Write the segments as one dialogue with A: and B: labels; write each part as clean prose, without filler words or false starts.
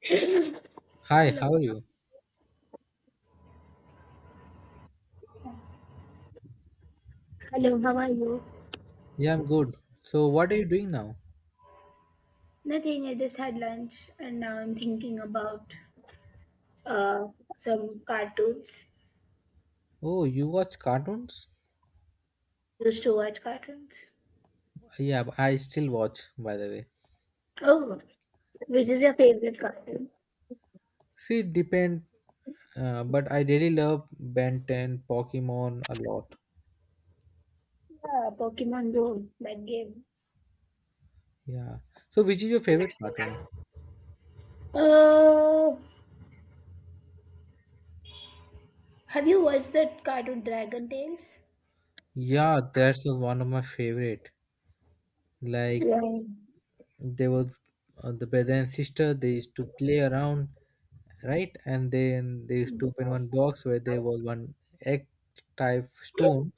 A: Hello.
B: Hi, how are you?
A: Hello, how are you?
B: Yeah, I'm good. So, what are you doing now?
A: Nothing, I just had lunch and now I'm thinking about uh, some cartoons.
B: Oh, you watch cartoons?
A: Used to watch cartoons.
B: Yeah, I still watch, by the way.
A: Oh, which is your favorite cartoon?
B: See, it depend, but I really love Ben 10, Pokemon a lot.
A: Yeah, Pokemon Go, that game.
B: Yeah. So, which is your favorite cartoon?
A: Oh, have you watched that cartoon Dragon Tales?
B: Yeah, that's the one of my favorite. Like,
A: Yeah.
B: there was the brother and sister. They used to play around, right? And then they used to open one box where there was one egg type stone,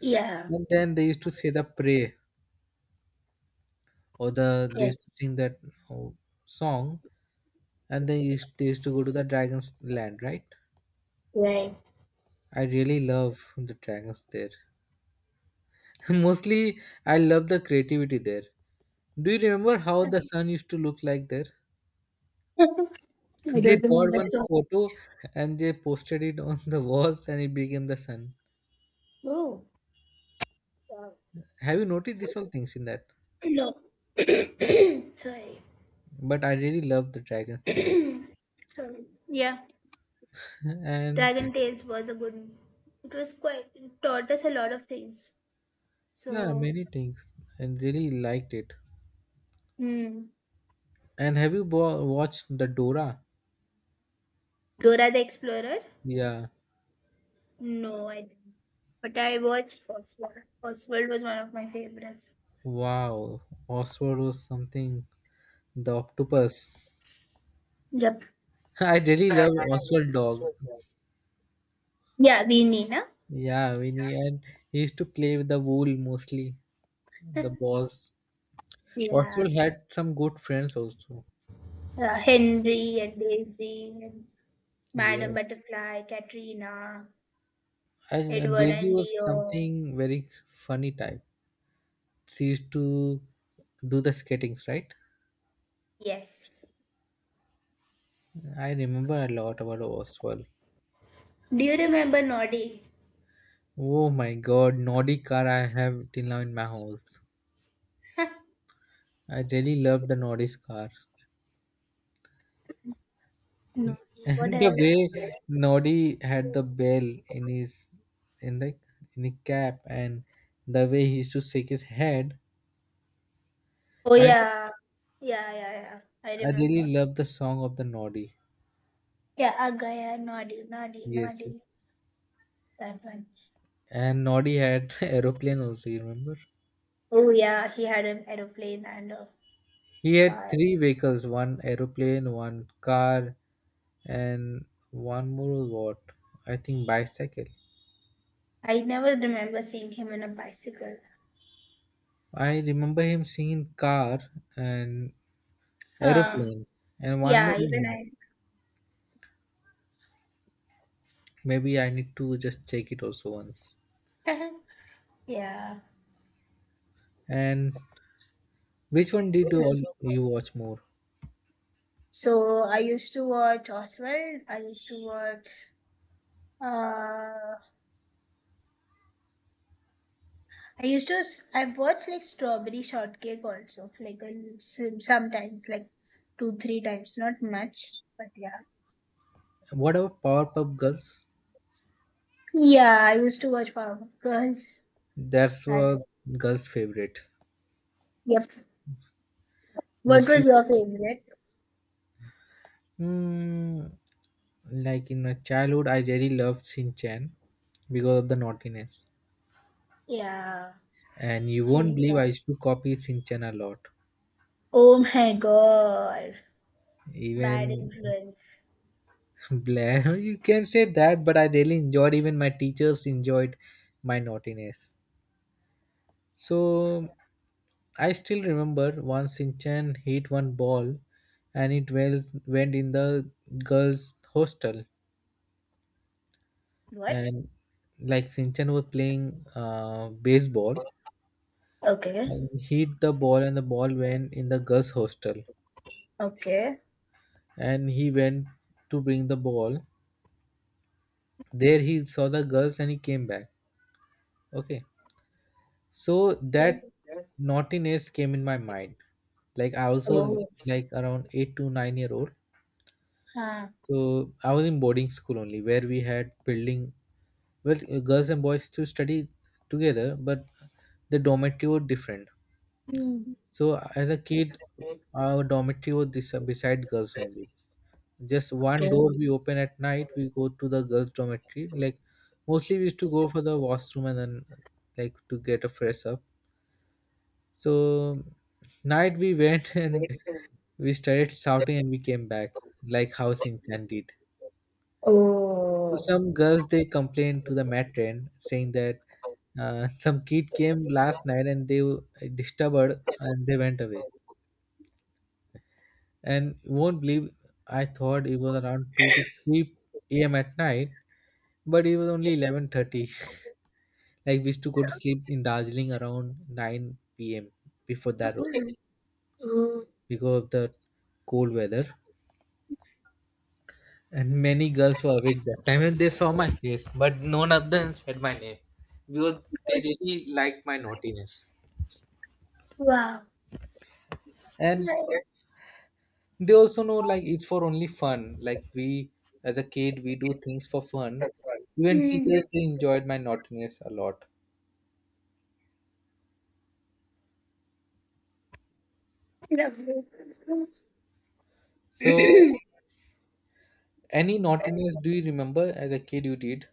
A: Yeah.
B: and then they used to say the prayer, or they used to
A: Yes.
B: sing that oh, song. And they used to go to the dragon's land, right?
A: Right.
B: I really love the dragons there. Mostly I love the creativity there. Do you remember how the sun used to look like there?
A: I
B: They
A: don't
B: got
A: remember.
B: one
A: So,
B: photo and they posted it on the walls and it became the sun.
A: oh, wow.
B: Have you noticed these all things in that?
A: No. Sorry.
B: But I really love the dragon's tail.
A: Sorry. Yeah.
B: And
A: Dragon Tales was a good. It was quite. It taught us a lot of things.
B: yeah,
A: So,
B: many things, and really liked it.
A: hmm.
B: And have you watched the Dora?
A: Dora the Explorer?
B: Yeah.
A: No, I didn't. But I watched Fosworld. Fosworld was one of my favorites.
B: Wow, Oswald was something. The octopus.
A: Yep.
B: I really love Oswald dog.
A: Yeah, we Nina.
B: Yeah, Winnie, and he used to play with the wool mostly, the balls.
A: Yeah.
B: Oswald had some good friends also.
A: Henry and Daisy and Madame
B: Yeah,
A: Butterfly, Katrina,
B: and
A: Edward
B: Daisy
A: and
B: was
A: Leo.
B: something very funny type. She used to do the skatings, right?
A: Yes.
B: I remember a lot about Oswald.
A: Do you remember Noddy?
B: Oh my God, Naughty car I have till now in my house. I really love the Naughty's car.
A: Noddy. What
B: The
A: else?
B: way Noddy had the bell in his, in the in the cap, and the way he used to shake his head,
A: Oh
B: I
A: yeah. Yeah, yeah, yeah. I
B: I
A: remember.
B: really love the song of the Noddy.
A: Yeah, Agaya, Noddy, Noddy,
B: Yes, yes.
A: Noddy. That one.
B: And Noddy had aeroplane also. You remember?
A: Oh yeah, he had an aeroplane and a
B: He had
A: car.
B: three vehicles: one aeroplane, one car, and one more what? I think bicycle.
A: I never remember seeing him on a bicycle.
B: I remember him singing car and
A: Huh.
B: aeroplane, and one
A: Yeah,
B: more.
A: even
B: Maybe I need to just check it also once.
A: I. Yeah.
B: And which one did
A: Mhm.
B: you watch more?
A: So I used to watch Oswald. I used to watch. Uh, I used to. I watched like Strawberry Shortcake also, like a, sometimes, like 2-3 times, not much, but yeah.
B: What about Powerpuff Girls?
A: Yeah, I used to watch Powerpuff Girls.
B: That's
A: That
B: a
A: is.
B: girl's favorite.
A: Yep. What was
B: Mostly,
A: your favorite?
B: hmm, like in my childhood, I really loved Shin Chan because of the naughtiness.
A: Yeah,
B: And you won't believe
A: Shinkan.
B: I used to copy Shin Chan a lot.
A: Oh my god. Bad
B: Even
A: influence.
B: Blair, you can say that, but I really enjoyed. Even my teachers enjoyed my naughtiness. So I still remember once Sinchan hit one ball and it went in the girls' hostel.
A: What?
B: And like Sinchan was playing baseball
A: Okay.
B: and hit the ball, and the ball went in the girls' hostel.
A: Okay.
B: And he went to bring the ball. There he saw the girls and he came back. Okay. So that naughtiness came in my mind. Like I also was like around 8 to 9 year old.
A: Huh.
B: So I was in boarding school only, where we had building well girls and boys to study together, but the dormitory were different.
A: Hmm.
B: So as a kid, our dormitory was this, beside girls only. Just one
A: Okay.
B: door we open at night. We go to the girls' dormitory. Like mostly we used to go for the washroom and then like to get a fresh up. So night we went and we started shouting and we came back like house enchanted. So
A: Oh.
B: some girls they complained to the matron saying that some kid came last night and they were disturbed and they went away. And you won't believe I thought it was around two to three a.m. at night, but it was only 11:30. Like we used to go to sleep in Darjeeling around nine p.m., before that also,
A: Mm. Mm.
B: because of the cold weather. And many girls were awake that time and they saw my face, but none of them said my name because they
A: Good.
B: really liked my naughtiness.
A: Wow. That's
B: And
A: nice.
B: they also know like it's for only fun, like we as a kid we do things for fun. Even
A: Hmm.
B: teachers they enjoyed my naughtiness a lot.
A: Lovely.
B: So any naughtiness do you remember as a kid you did?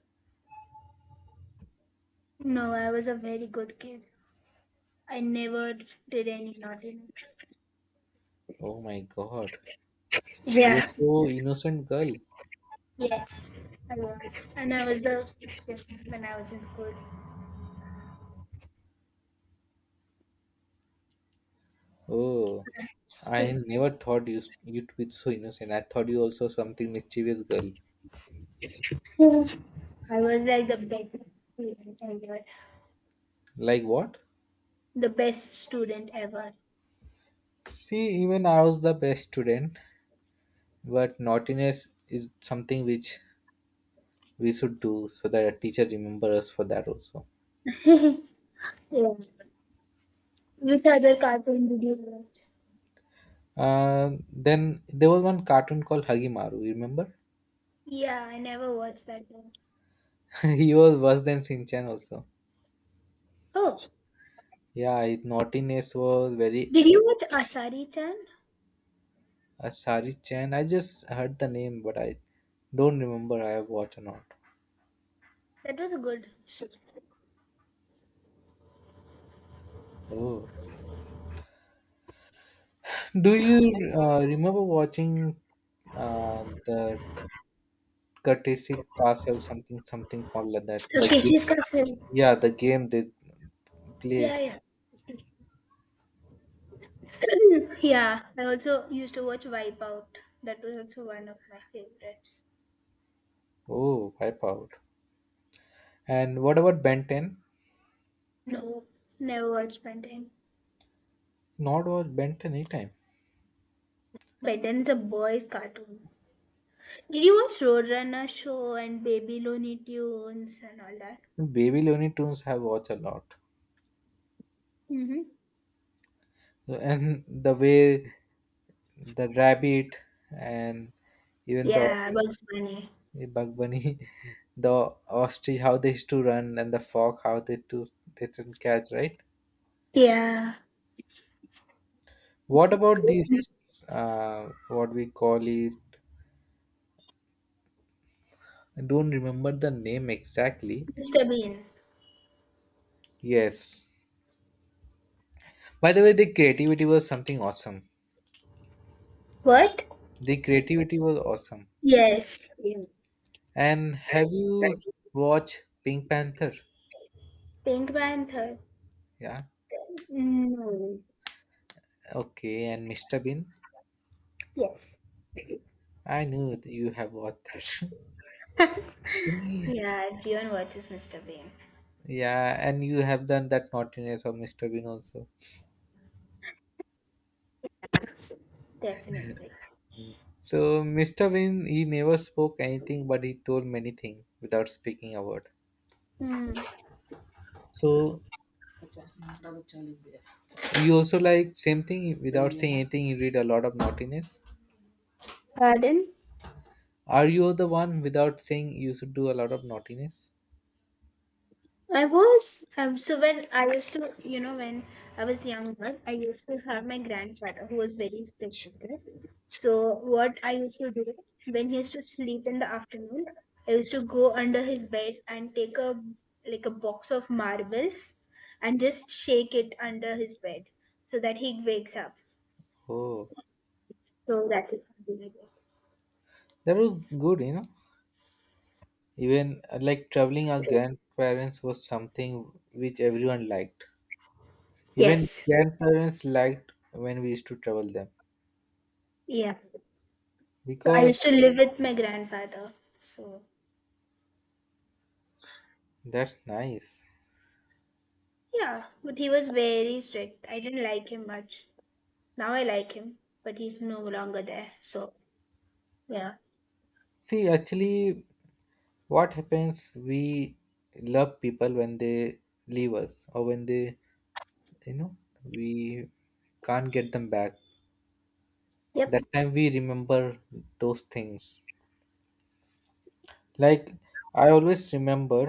A: No, I was a very good kid. I never did any naughty.
B: Oh my God, you're
A: Yeah.
B: so innocent girl.
A: Yes, I was. And I was the when I was in
B: Oh, I
A: school.
B: never thought you to be so innocent. I thought you also something mischievous girl.
A: I was like the best student ever.
B: Like what?
A: The best student ever.
B: See, even I was the best student, but naughtiness is something which we should do so that a teacher remember us for that also.
A: Yeah. Which other cartoon did you watch?
B: Then there was one cartoon called Hagimaru. You remember?
A: Yeah, I never watched that one.
B: He was worse than Shinchan also.
A: Oh,
B: Yeah, his naughtiness was very
A: did you watch Asari chan?
B: Asari Chan. I just heard the name, but I don't remember I have watched or not.
A: That was good.
B: Oh, do you remember watching uh, the Courtesy Castle something something called like that? The
A: Okay,
B: game,
A: she's cousin.
B: yeah, the game they
A: Yeah,
B: play.
A: yeah. Yeah, I also used to watch Wipeout. That was also one of my favorites.
B: Oh, Wipeout. And what about Ben 10?
A: No, never watched Ben 10.
B: Not watch Ben 10 anytime.
A: Ben 10 is a boys' cartoon. Did you watch Roadrunner Show and Baby Looney Tunes and all that?
B: Baby Looney Tunes have watched a lot.
A: Mm-hmm.
B: And the way the rabbit, and even the
A: Yeah, Bugs Bunny.
B: Bug Bunny, the ostrich, how they used to run, and the fox, how they didn't catch, right?
A: Yeah,
B: What about this? What we call it? I don't remember the name exactly.
A: Mr. Bean.
B: Yes. By the way, the creativity was something awesome.
A: What?
B: The creativity was awesome.
A: Yes.
B: And have you watched Pink Panther?
A: Pink Panther.
B: Yeah.
A: No.
B: Okay. And Mr. Bean?
A: Yes.
B: I knew that you have watched that.
A: Yeah, everyone watches Mr. Bean.
B: Yeah. And you have done that naughtiness of Mr. Bean also.
A: Definitely.
B: So, Mr. Bean, he never spoke anything, but he told many things without speaking a word.
A: Hmm.
B: So, you also like same thing without saying anything, you read a lot of naughtiness.
A: Pardon?
B: Are you the one without saying you should do a lot of naughtiness?
A: I was so when I used to when I was younger I used to have my grandfather who was very special. So what I used to do when he used to sleep in the afternoon, I used to go under his bed and take a like a box of marbles and just shake it under his bed so that he wakes up.
B: Oh,
A: So that is he can be like
B: that was good, you know. Even like traveling our grandparents was something which everyone liked. Even
A: yes.
B: grandparents liked when we used to travel them
A: Yeah. So I used
B: because
A: to live with my grandfather. So
B: that's nice.
A: yeah, but he was very strict. I didn't like him much. Now I like him, but he's no longer there. So yeah.
B: See, actually, what happens? We love people when they leave us, or when they, you know, we can't get them back.
A: Yep.
B: That time we remember those things. Like I always remember,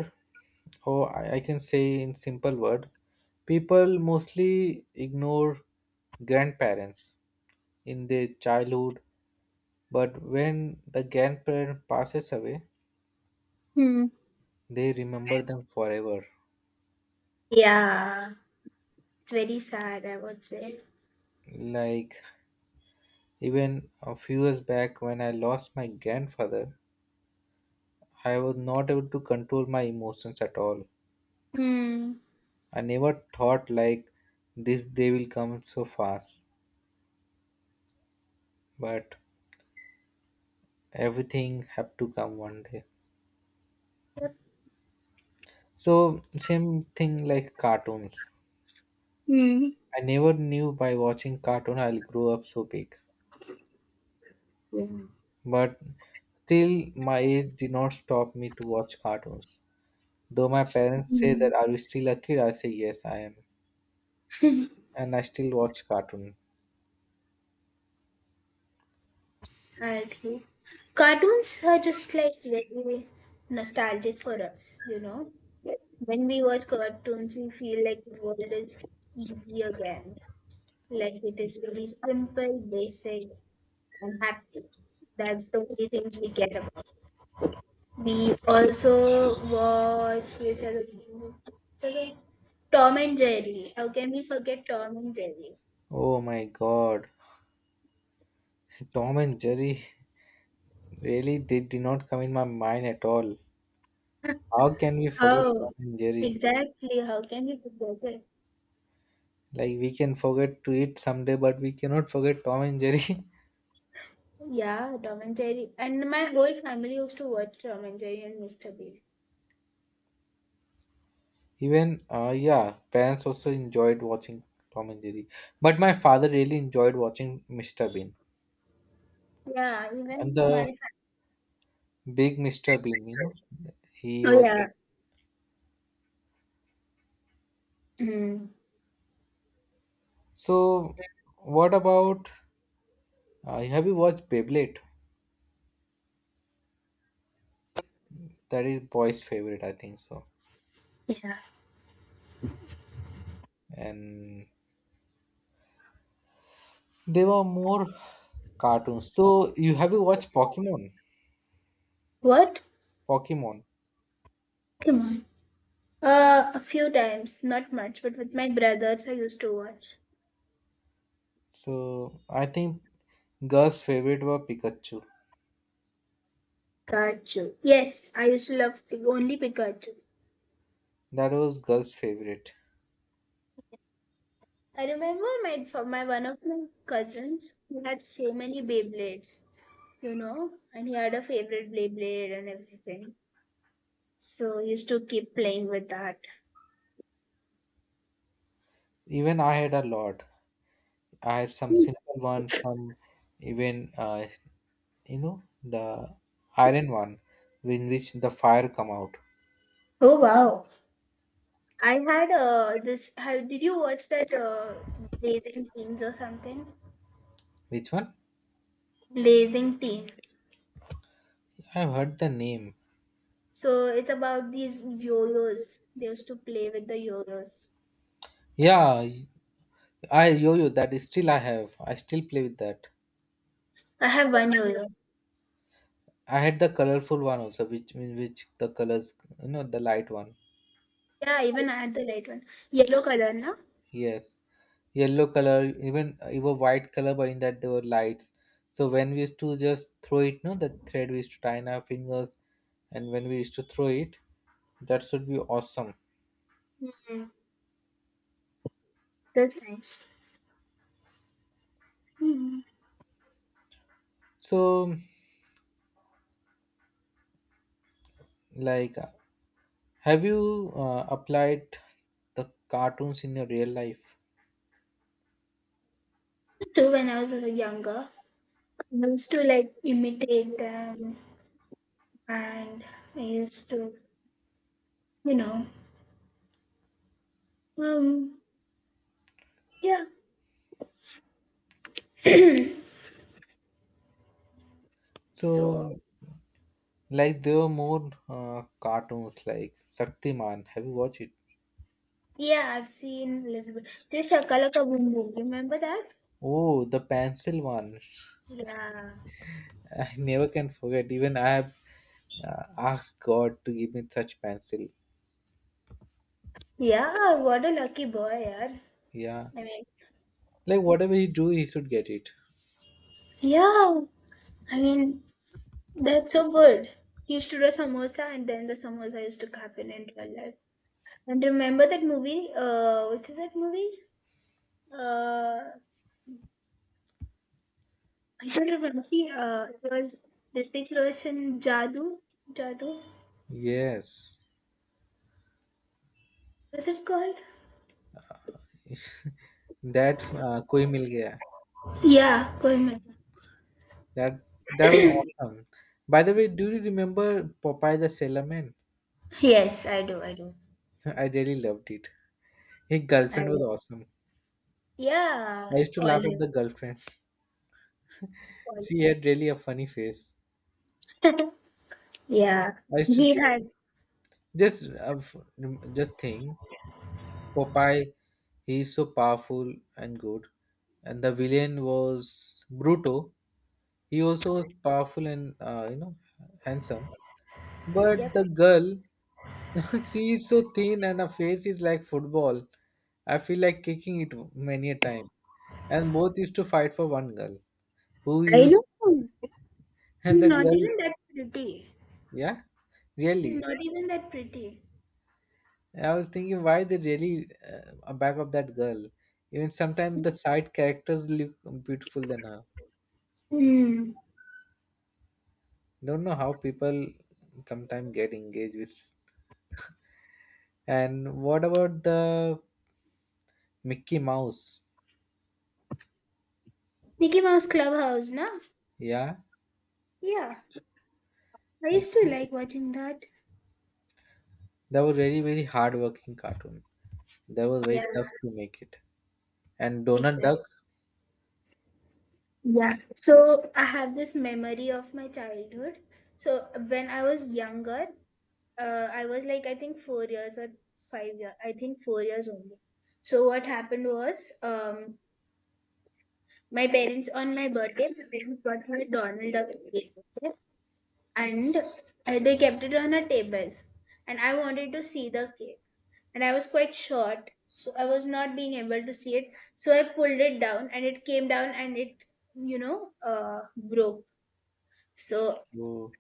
B: or I can say in simple word, people mostly ignore grandparents in their childhood, but when the grandparent passes away,
A: Hmm.
B: they remember them forever.
A: Yeah. It's very sad, I would say.
B: Like even a few years back when I lost my grandfather, I was not able to control my emotions at all.
A: Hmm.
B: I never thought like this day will come so fast. But everything have to come one day, so same thing like cartoons.
A: Hmm.
B: I never knew by watching cartoon I'll grow up so big, but still my age did not stop me to watch cartoons. Though my parents say
A: Hmm.
B: that are you still a kid, I say yes I am, and I still watch cartoon.
A: I agree. Cartoons are just like very nostalgic for us, you know. When we watch cartoons, we feel like the world is easy again. Like it is very simple, basic, and happy. That's the only things we get about. We also watch which other? Tom and Jerry. How can we forget Tom and Jerry?
B: Oh my God, Tom and Jerry, really they did not come in my mind at all. How can we forget
A: How?
B: Tom and Jerry?
A: Exactly. How can we forget it?
B: Like we can forget to eat someday, but we cannot forget Tom and Jerry.
A: Yeah, Tom and Jerry. And my whole family used to watch Tom and Jerry and Mr. Bean.
B: Even, yeah, parents also enjoyed watching Tom and Jerry. But my father really enjoyed watching Mr. Bean,
A: Yeah,
B: and
A: even
B: the
A: my
B: big Mr. Bean, you know. He
A: family. Oh,
B: was.
A: yeah. Mm.
B: So, what about. Have you watched Beyblade? That is boy's favorite, I think so.
A: Yeah.
B: And they were more cartoons. So, you have you watched Pokemon?
A: What?
B: Pokemon.
A: Come on. A few times, not much, but with my brothers, I used to watch.
B: So, I think girls' favorite were Pikachu.
A: Pikachu. Yes, I used to love only Pikachu.
B: That was girls' favorite.
A: I remember my for my one of my cousins he had so many Beyblades, and he had a favorite Beyblade and everything. So he used to keep playing with that.
B: Even I had a lot. I had some simple one, some even you know the iron one, in which the fire come out.
A: Oh, wow. I had this. How did you watch that Blazing Teens or something?
B: Which one?
A: Blazing Teens.
B: I've heard the name.
A: So it's about these yo-yos. They used to play with the yo-yos.
B: Yeah, I yo-yo that is still I have. I still play with that.
A: I have one yo-yo.
B: I had the colorful one also, which in which the colors, you know, the light one.
A: Yeah, even I had the light one, yellow color, na.
B: Yes, yellow color, even even white color, but in that there were lights. So when we used to just throw it, no, the thread we used to tie in our fingers, and when we used to throw it, that should be awesome.
A: Mm, that's nice. Hmm.
B: So, like, have you applied the cartoons in your real life?
A: Too when I was younger. I used to like imitate them and I used to, you know, um, yeah.
B: So,
A: so,
B: like, there were more cartoons like Shaktiman. Have you watched it?
A: Yeah, I've seen little bit. This Shakala Ka Boom Boom, remember that?
B: Oh, the pencil one.
A: Yeah.
B: I never can forget. Even I have uh, asked God to give me such pencil.
A: Yeah, what a lucky boy, yaar.
B: Yeah,
A: I mean,
B: like whatever he do, he should get it.
A: yeah, I mean, that's so good. He used to do a samosa and then the samosa used to happen in real life. And remember that movie? Which is that movie? Uh, I still remember see, it was Hrithik Roshan Jadoo. Jadoo?
B: Yes,
A: Was it called?
B: that koi mil gaya.
A: Yeah, Kohimal.
B: That was awesome. By the way, do you remember Popeye the Sailor Man?
A: Yes, I do, I do.
B: I really loved it. His
A: I
B: girlfriend was
A: do.
B: awesome.
A: Yeah,
B: I used to laugh at
A: olive,
B: the girlfriend.
A: olive.
B: She had really a funny face.
A: Yeah,
B: I used to
A: he
B: see
A: had.
B: just just thing. Popeye, he is so powerful and good. And the villain was Bruto. He also was powerful and, you know, handsome.
A: Yep,
B: But the girl, she is so thin and her face is like football. I feel like kicking it many a time. And both used to fight for one girl who
A: I
B: used
A: know.
B: and
A: She's
B: that
A: not
B: girl.
A: even that pretty.
B: Yeah,
A: She's
B: really.
A: not even that pretty.
B: I was thinking why they really are back of that girl. Even sometimes the side characters look beautiful than her.
A: Hmm.
B: Don't know how people sometimes get engaged with, and what about the Mickey Mouse?
A: Mickey Mouse Clubhouse, na?
B: Yeah,
A: Yeah, I used to
B: Mickey,
A: like watching that.
B: that was very hard working cartoon. That was
A: Yeah,
B: very tough to make it. And Donald
A: exactly.
B: Duck.
A: Yeah, so I have this memory of my childhood. So when I was younger, I was like I think 4 years or 5 years. I think 4 years only. So what happened was, my parents on my birthday, my parents got me a Donald Duck cake, okay? And they kept it on a table, and I wanted to see the cake, and I was quite short, so I was not being able to see it. So I pulled it down, and it came down, and it broke. So
B: who-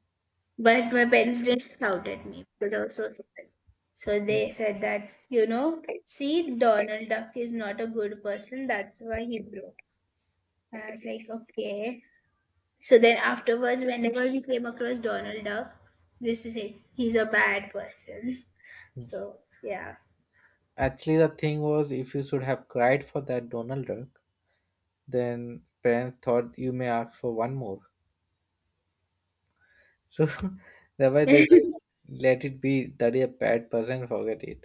A: But my parents didn't shout at me because I was so surprised. So they said that, see, Donald Duck is not a good person. That's why he broke. And I was like, okay. So then afterwards, whenever we came across Donald Duck, we used to say, he's a bad person. So, yeah.
B: Actually, the thing was, if you should have cried for that Donald Duck, then parents thought you may ask for one more. So, thereby they
A: Yeah.
B: said, let it be. That is a bad person, forget it.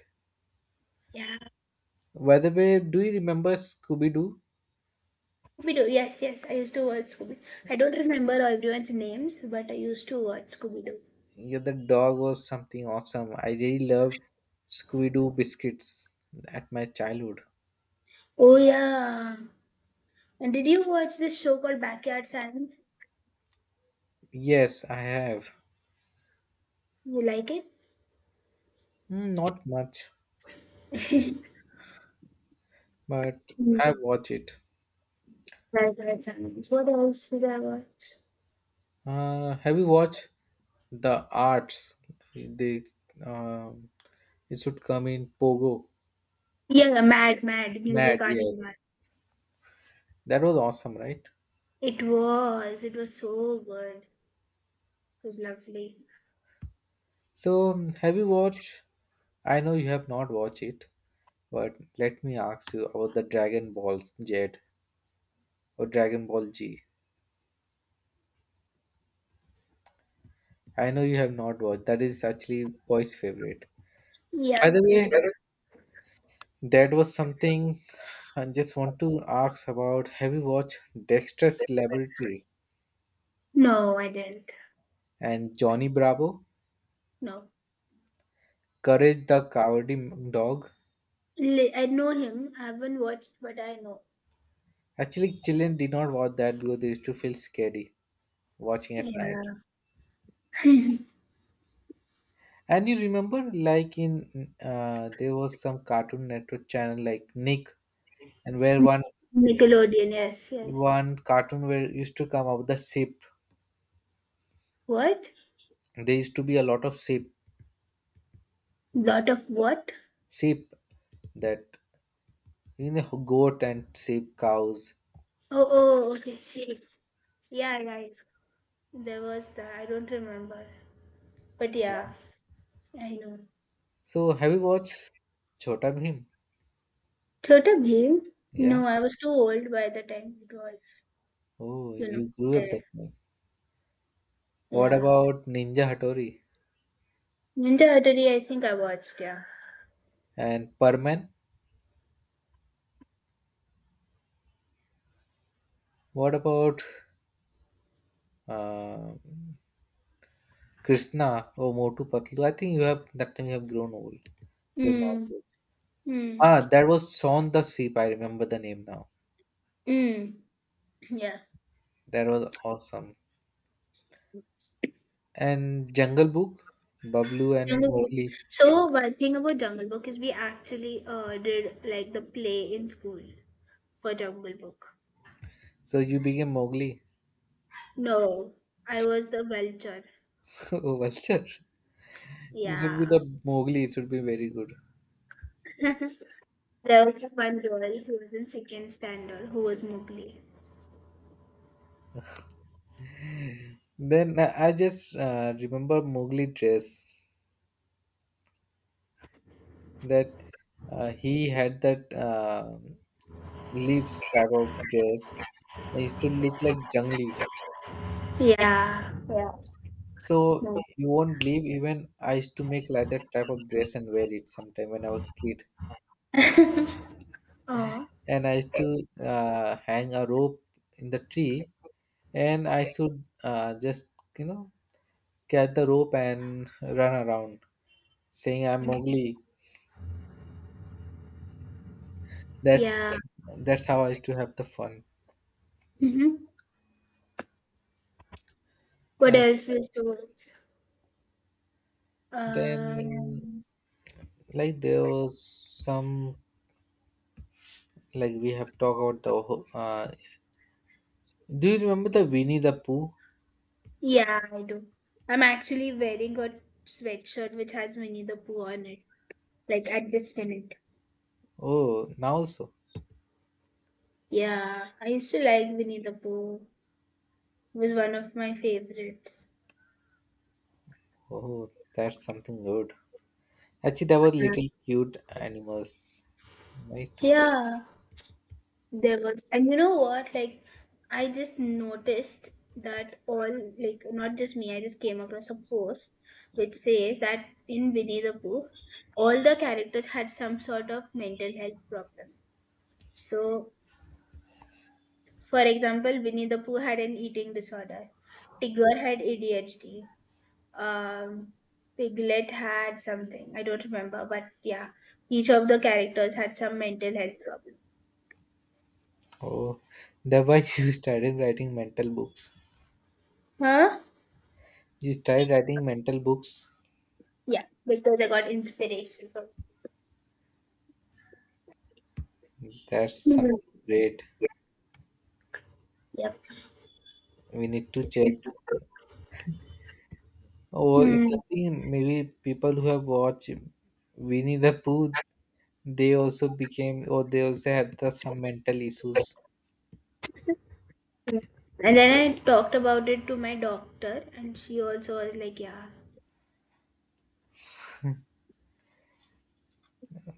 B: By the way, do you remember Scooby-Doo?
A: Scooby-Doo. Yes, yes. I used to watch Scooby. I don't remember everyone's names, but I used to watch Scooby-Doo.
B: Yeah, the dog was something awesome. I really loved Scooby Doo biscuits at my childhood.
A: Oh, yeah. And did you watch this show called Backyard Science?
B: Yes, I have.
A: You like it?
B: Mm, not much, but
A: Mm.
B: I watch it. Have you watched The Arts? They, um it should come in Pogo.
A: Yeah, mad, mad music
B: Mad,
A: art and mad.
B: yes. That was awesome, right?
A: It was. It was so good. It was lovely.
B: So, have you watched? I know you have not watched it, but let me ask you about the Dragon Ball Z, or Dragon Ball G. I know you have not watched. That is actually boy's favorite.
A: Yeah,
B: By the
A: it
B: way,
A: is.
B: that was something I just want to ask about. Have you watched Dexter's Laboratory
A: No, I didn't.
B: and Johnny Bravo?
A: No,
B: Courage the Cowardly Dog.
A: I know him. I haven't watched, but I know.
B: Actually, children did not watch that because they used to feel scary watching at night.
A: Yeah.
B: And you remember, like in there was some Cartoon Network channel like Nick, and where one
A: Nickelodeon. Yes, yes.
B: one cartoon where used to come up the ship.
A: What?
B: There used to be a lot of ship,
A: Lot of what?
B: sheep, that, you know, goat and sheep, cows.
A: Oh, oh, okay. She. Yeah, right. There was that. I don't remember. But
B: Yeah.
A: yeah, I know.
B: So, have you watched Chota Bhim?
A: Chota Bheem?
B: Yeah.
A: No, I was too old by the time it was.
B: Oh,
A: You know,
B: you grew up
A: there.
B: that way. What
A: Yeah.
B: about Ninja Hattori
A: Ninja Hattori, I think I watched, yeah.
B: and Perman? What about uh, Krishna or Motu Patlu? I think you have, that time you have grown old, so you've not
A: Mm.
B: watched.
A: Mm.
B: Ah, that was Son the Sheep, I remember the name now.
A: Mm. Yeah.
B: That was awesome. And Jungle Book, Bablu and
A: Anyway,
B: Mowgli.
A: so one thing about Jungle Book is we actually did like the play in school for Jungle Book.
B: So you became Mowgli.
A: No, I was the vulture.
B: Oh, Vulture. It should be
A: Yeah.
B: the Mowgli. It should be very good.
A: there was one girl who was in second standard who was Mowgli.
B: Then I just remember Mowgli dress, that he had that leaves type of dress. I used to look like jungly.
A: Yeah.
B: So
A: No.
B: you won't believe, even I used to make like that type of dress and wear it sometime when I was kid.
A: Oh,
B: And I used to hang a rope in the tree, and I should just, you know, get the rope and run around, saying I'm Mowgli. That
A: yeah.
B: that's how I used to have the fun.
A: hmm. What
B: And
A: else we used to watch?
B: then,
A: Um,
B: like, there was some, like we have talked about the do you remember the Winnie the Pooh?
A: Yeah, I do. I'm actually wearing a sweatshirt which has Winnie the Pooh on it, like at this tenant.
B: Oh, now also.
A: Yeah, I used to like Winnie the Pooh. It was one of my favorites.
B: Oh, that's something good. Actually, there were
A: Yeah,
B: little cute animals, right?
A: yeah, there was, and you know what? Like, I just noticed that all, like, not just me. I just came across a post which says that in Winnie the Pooh, all the characters had some sort of mental health problem. So, for example, Winnie the Pooh had an eating disorder. Tigger had ADHD. Um, Piglet had something. I don't remember, but yeah. Each of the characters had some mental health problem.
B: Oh, the why you started writing mental books.
A: Huh?
B: You started writing mental books.
A: Yeah, because I got inspiration from
B: That's something
A: mhm.
B: great.
A: Yep.
B: We need to check. Or it's
A: Hmm.
B: something, maybe people who have watched Winnie the Pooh, they also became, or they also have the some mental issues.
A: And then I talked about it to my doctor, and she also was like, yeah.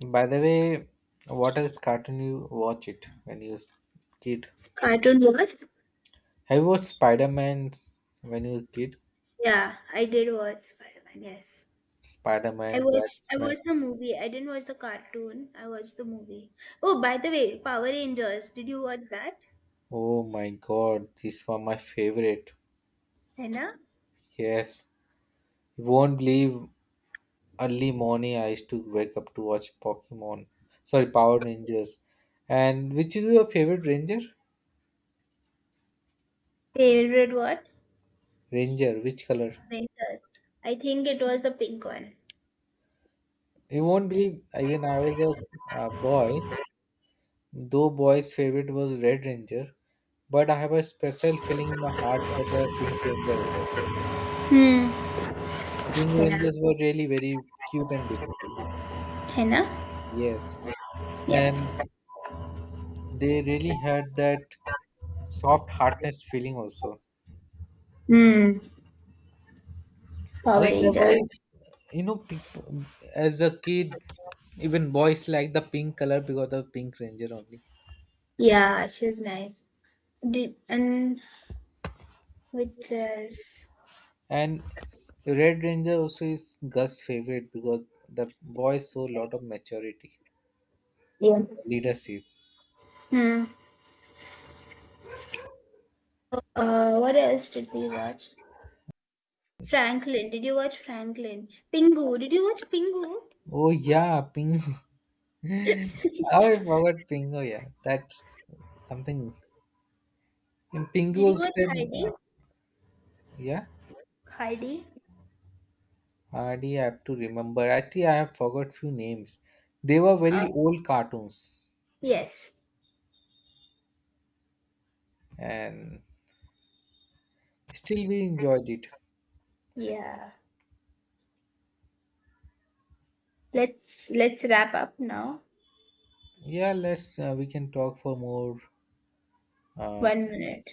B: By the way, what else cartoon you watch it when you was kid?
A: Cartoons was?
B: Have you watched Spider Man when you were kid?
A: Yeah, I did watch Spider-Man, yes.
B: Spider
A: I
B: Man,
A: watched I
B: Batman.
A: watched the movie. I didn't watch the cartoon. I watched the movie. Oh, by the way, Power Rangers. Did you watch that?
B: Oh my god, these were my favorite.
A: Anna?
B: Yes. You won't believe, early morning I used to wake up to watch Pokemon, sorry, Power Rangers. And which is your favorite ranger?
A: Favorite what?
B: Ranger, which color?
A: Ranger. I think it was the pink one.
B: You won't believe, even I was a boy, though boy's favorite was Red Ranger, but I have a special feeling in my heart for the Pink Ranger also.
A: Hmm.
B: Pink
A: Henna.
B: Rangers were really very cute and beautiful.
A: Henna?
B: Yes. And
A: Yep.
B: they really had that soft heartness feeling also.
A: Hmm. Power
B: I think that why,
A: Rangers.
B: you know, people, as a kid, even boys like the pink color because of Pink Ranger only,
A: Yeah, she was nice. Did and which else?
B: and Red Ranger also is Gus' favorite because the boys show a lot of maturity,
A: Yeah.
B: leadership.
A: Hmm. What else did we watch? Franklin. Did you watch Franklin? Pingu. Did you watch Pingu?
B: Oh yeah, Pink. How I forgot Pingo. Yeah, that's something. And
A: Did
B: Pingo
A: you watch
B: said,
A: Heidi?
B: uh, yeah.
A: Heidi?
B: Hardly I have to remember. Actually, I have forgot few names. They were
A: Uh,
B: very old cartoons
A: yes.
B: and. Still, we enjoyed it.
A: Yeah. Let's wrap up now.
B: Yeah, let's we can talk for more uh,
A: 1 minute.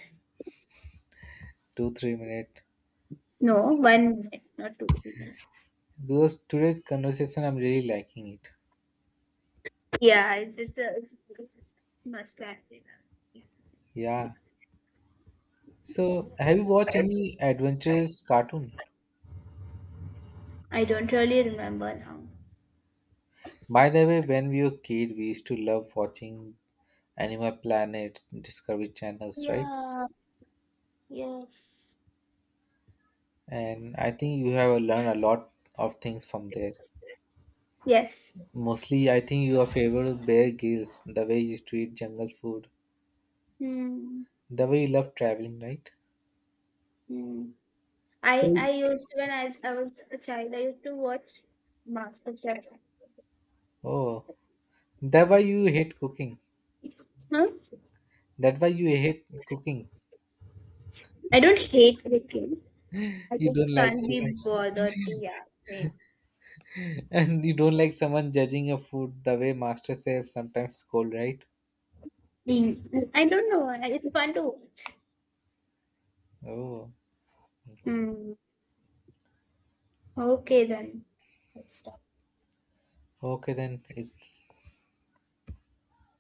B: 2 3 minutes.
A: No, 1 minute, not 2 minutes.
B: Because today's conversation, I'm really liking it.
A: Yeah, it's just a, it's must have dinner. Yeah.
B: Yeah. So, have you watched any adventurous cartoon?
A: I don't really remember now.
B: By the way, when we were kid, we used to love watching Animal Planet, Discovery Channels, right?
A: Yeah. Yes.
B: And I think you have learned a lot of things from there.
A: Yes.
B: Mostly, I think your favorite is Bear Grylls, the way you used to eat jungle food,
A: Hmm.
B: the way you love traveling, right?
A: Hmm.
B: So,
A: I used to, when I was a child, I used to watch MasterChef.
B: oh, that why you hate cooking.
A: No,
B: That why you hate cooking.
A: I don't hate cooking, I
B: You
A: just
B: don't like
A: can't be
B: cooking.
A: bothered to yeah. Wait.
B: And you don't like someone judging your food the way master chef sometimes scold, right?
A: Being, I don't know. It's fun to watch.
B: Oh.
A: Hmm. Okay then. Let's
B: Okay then, it's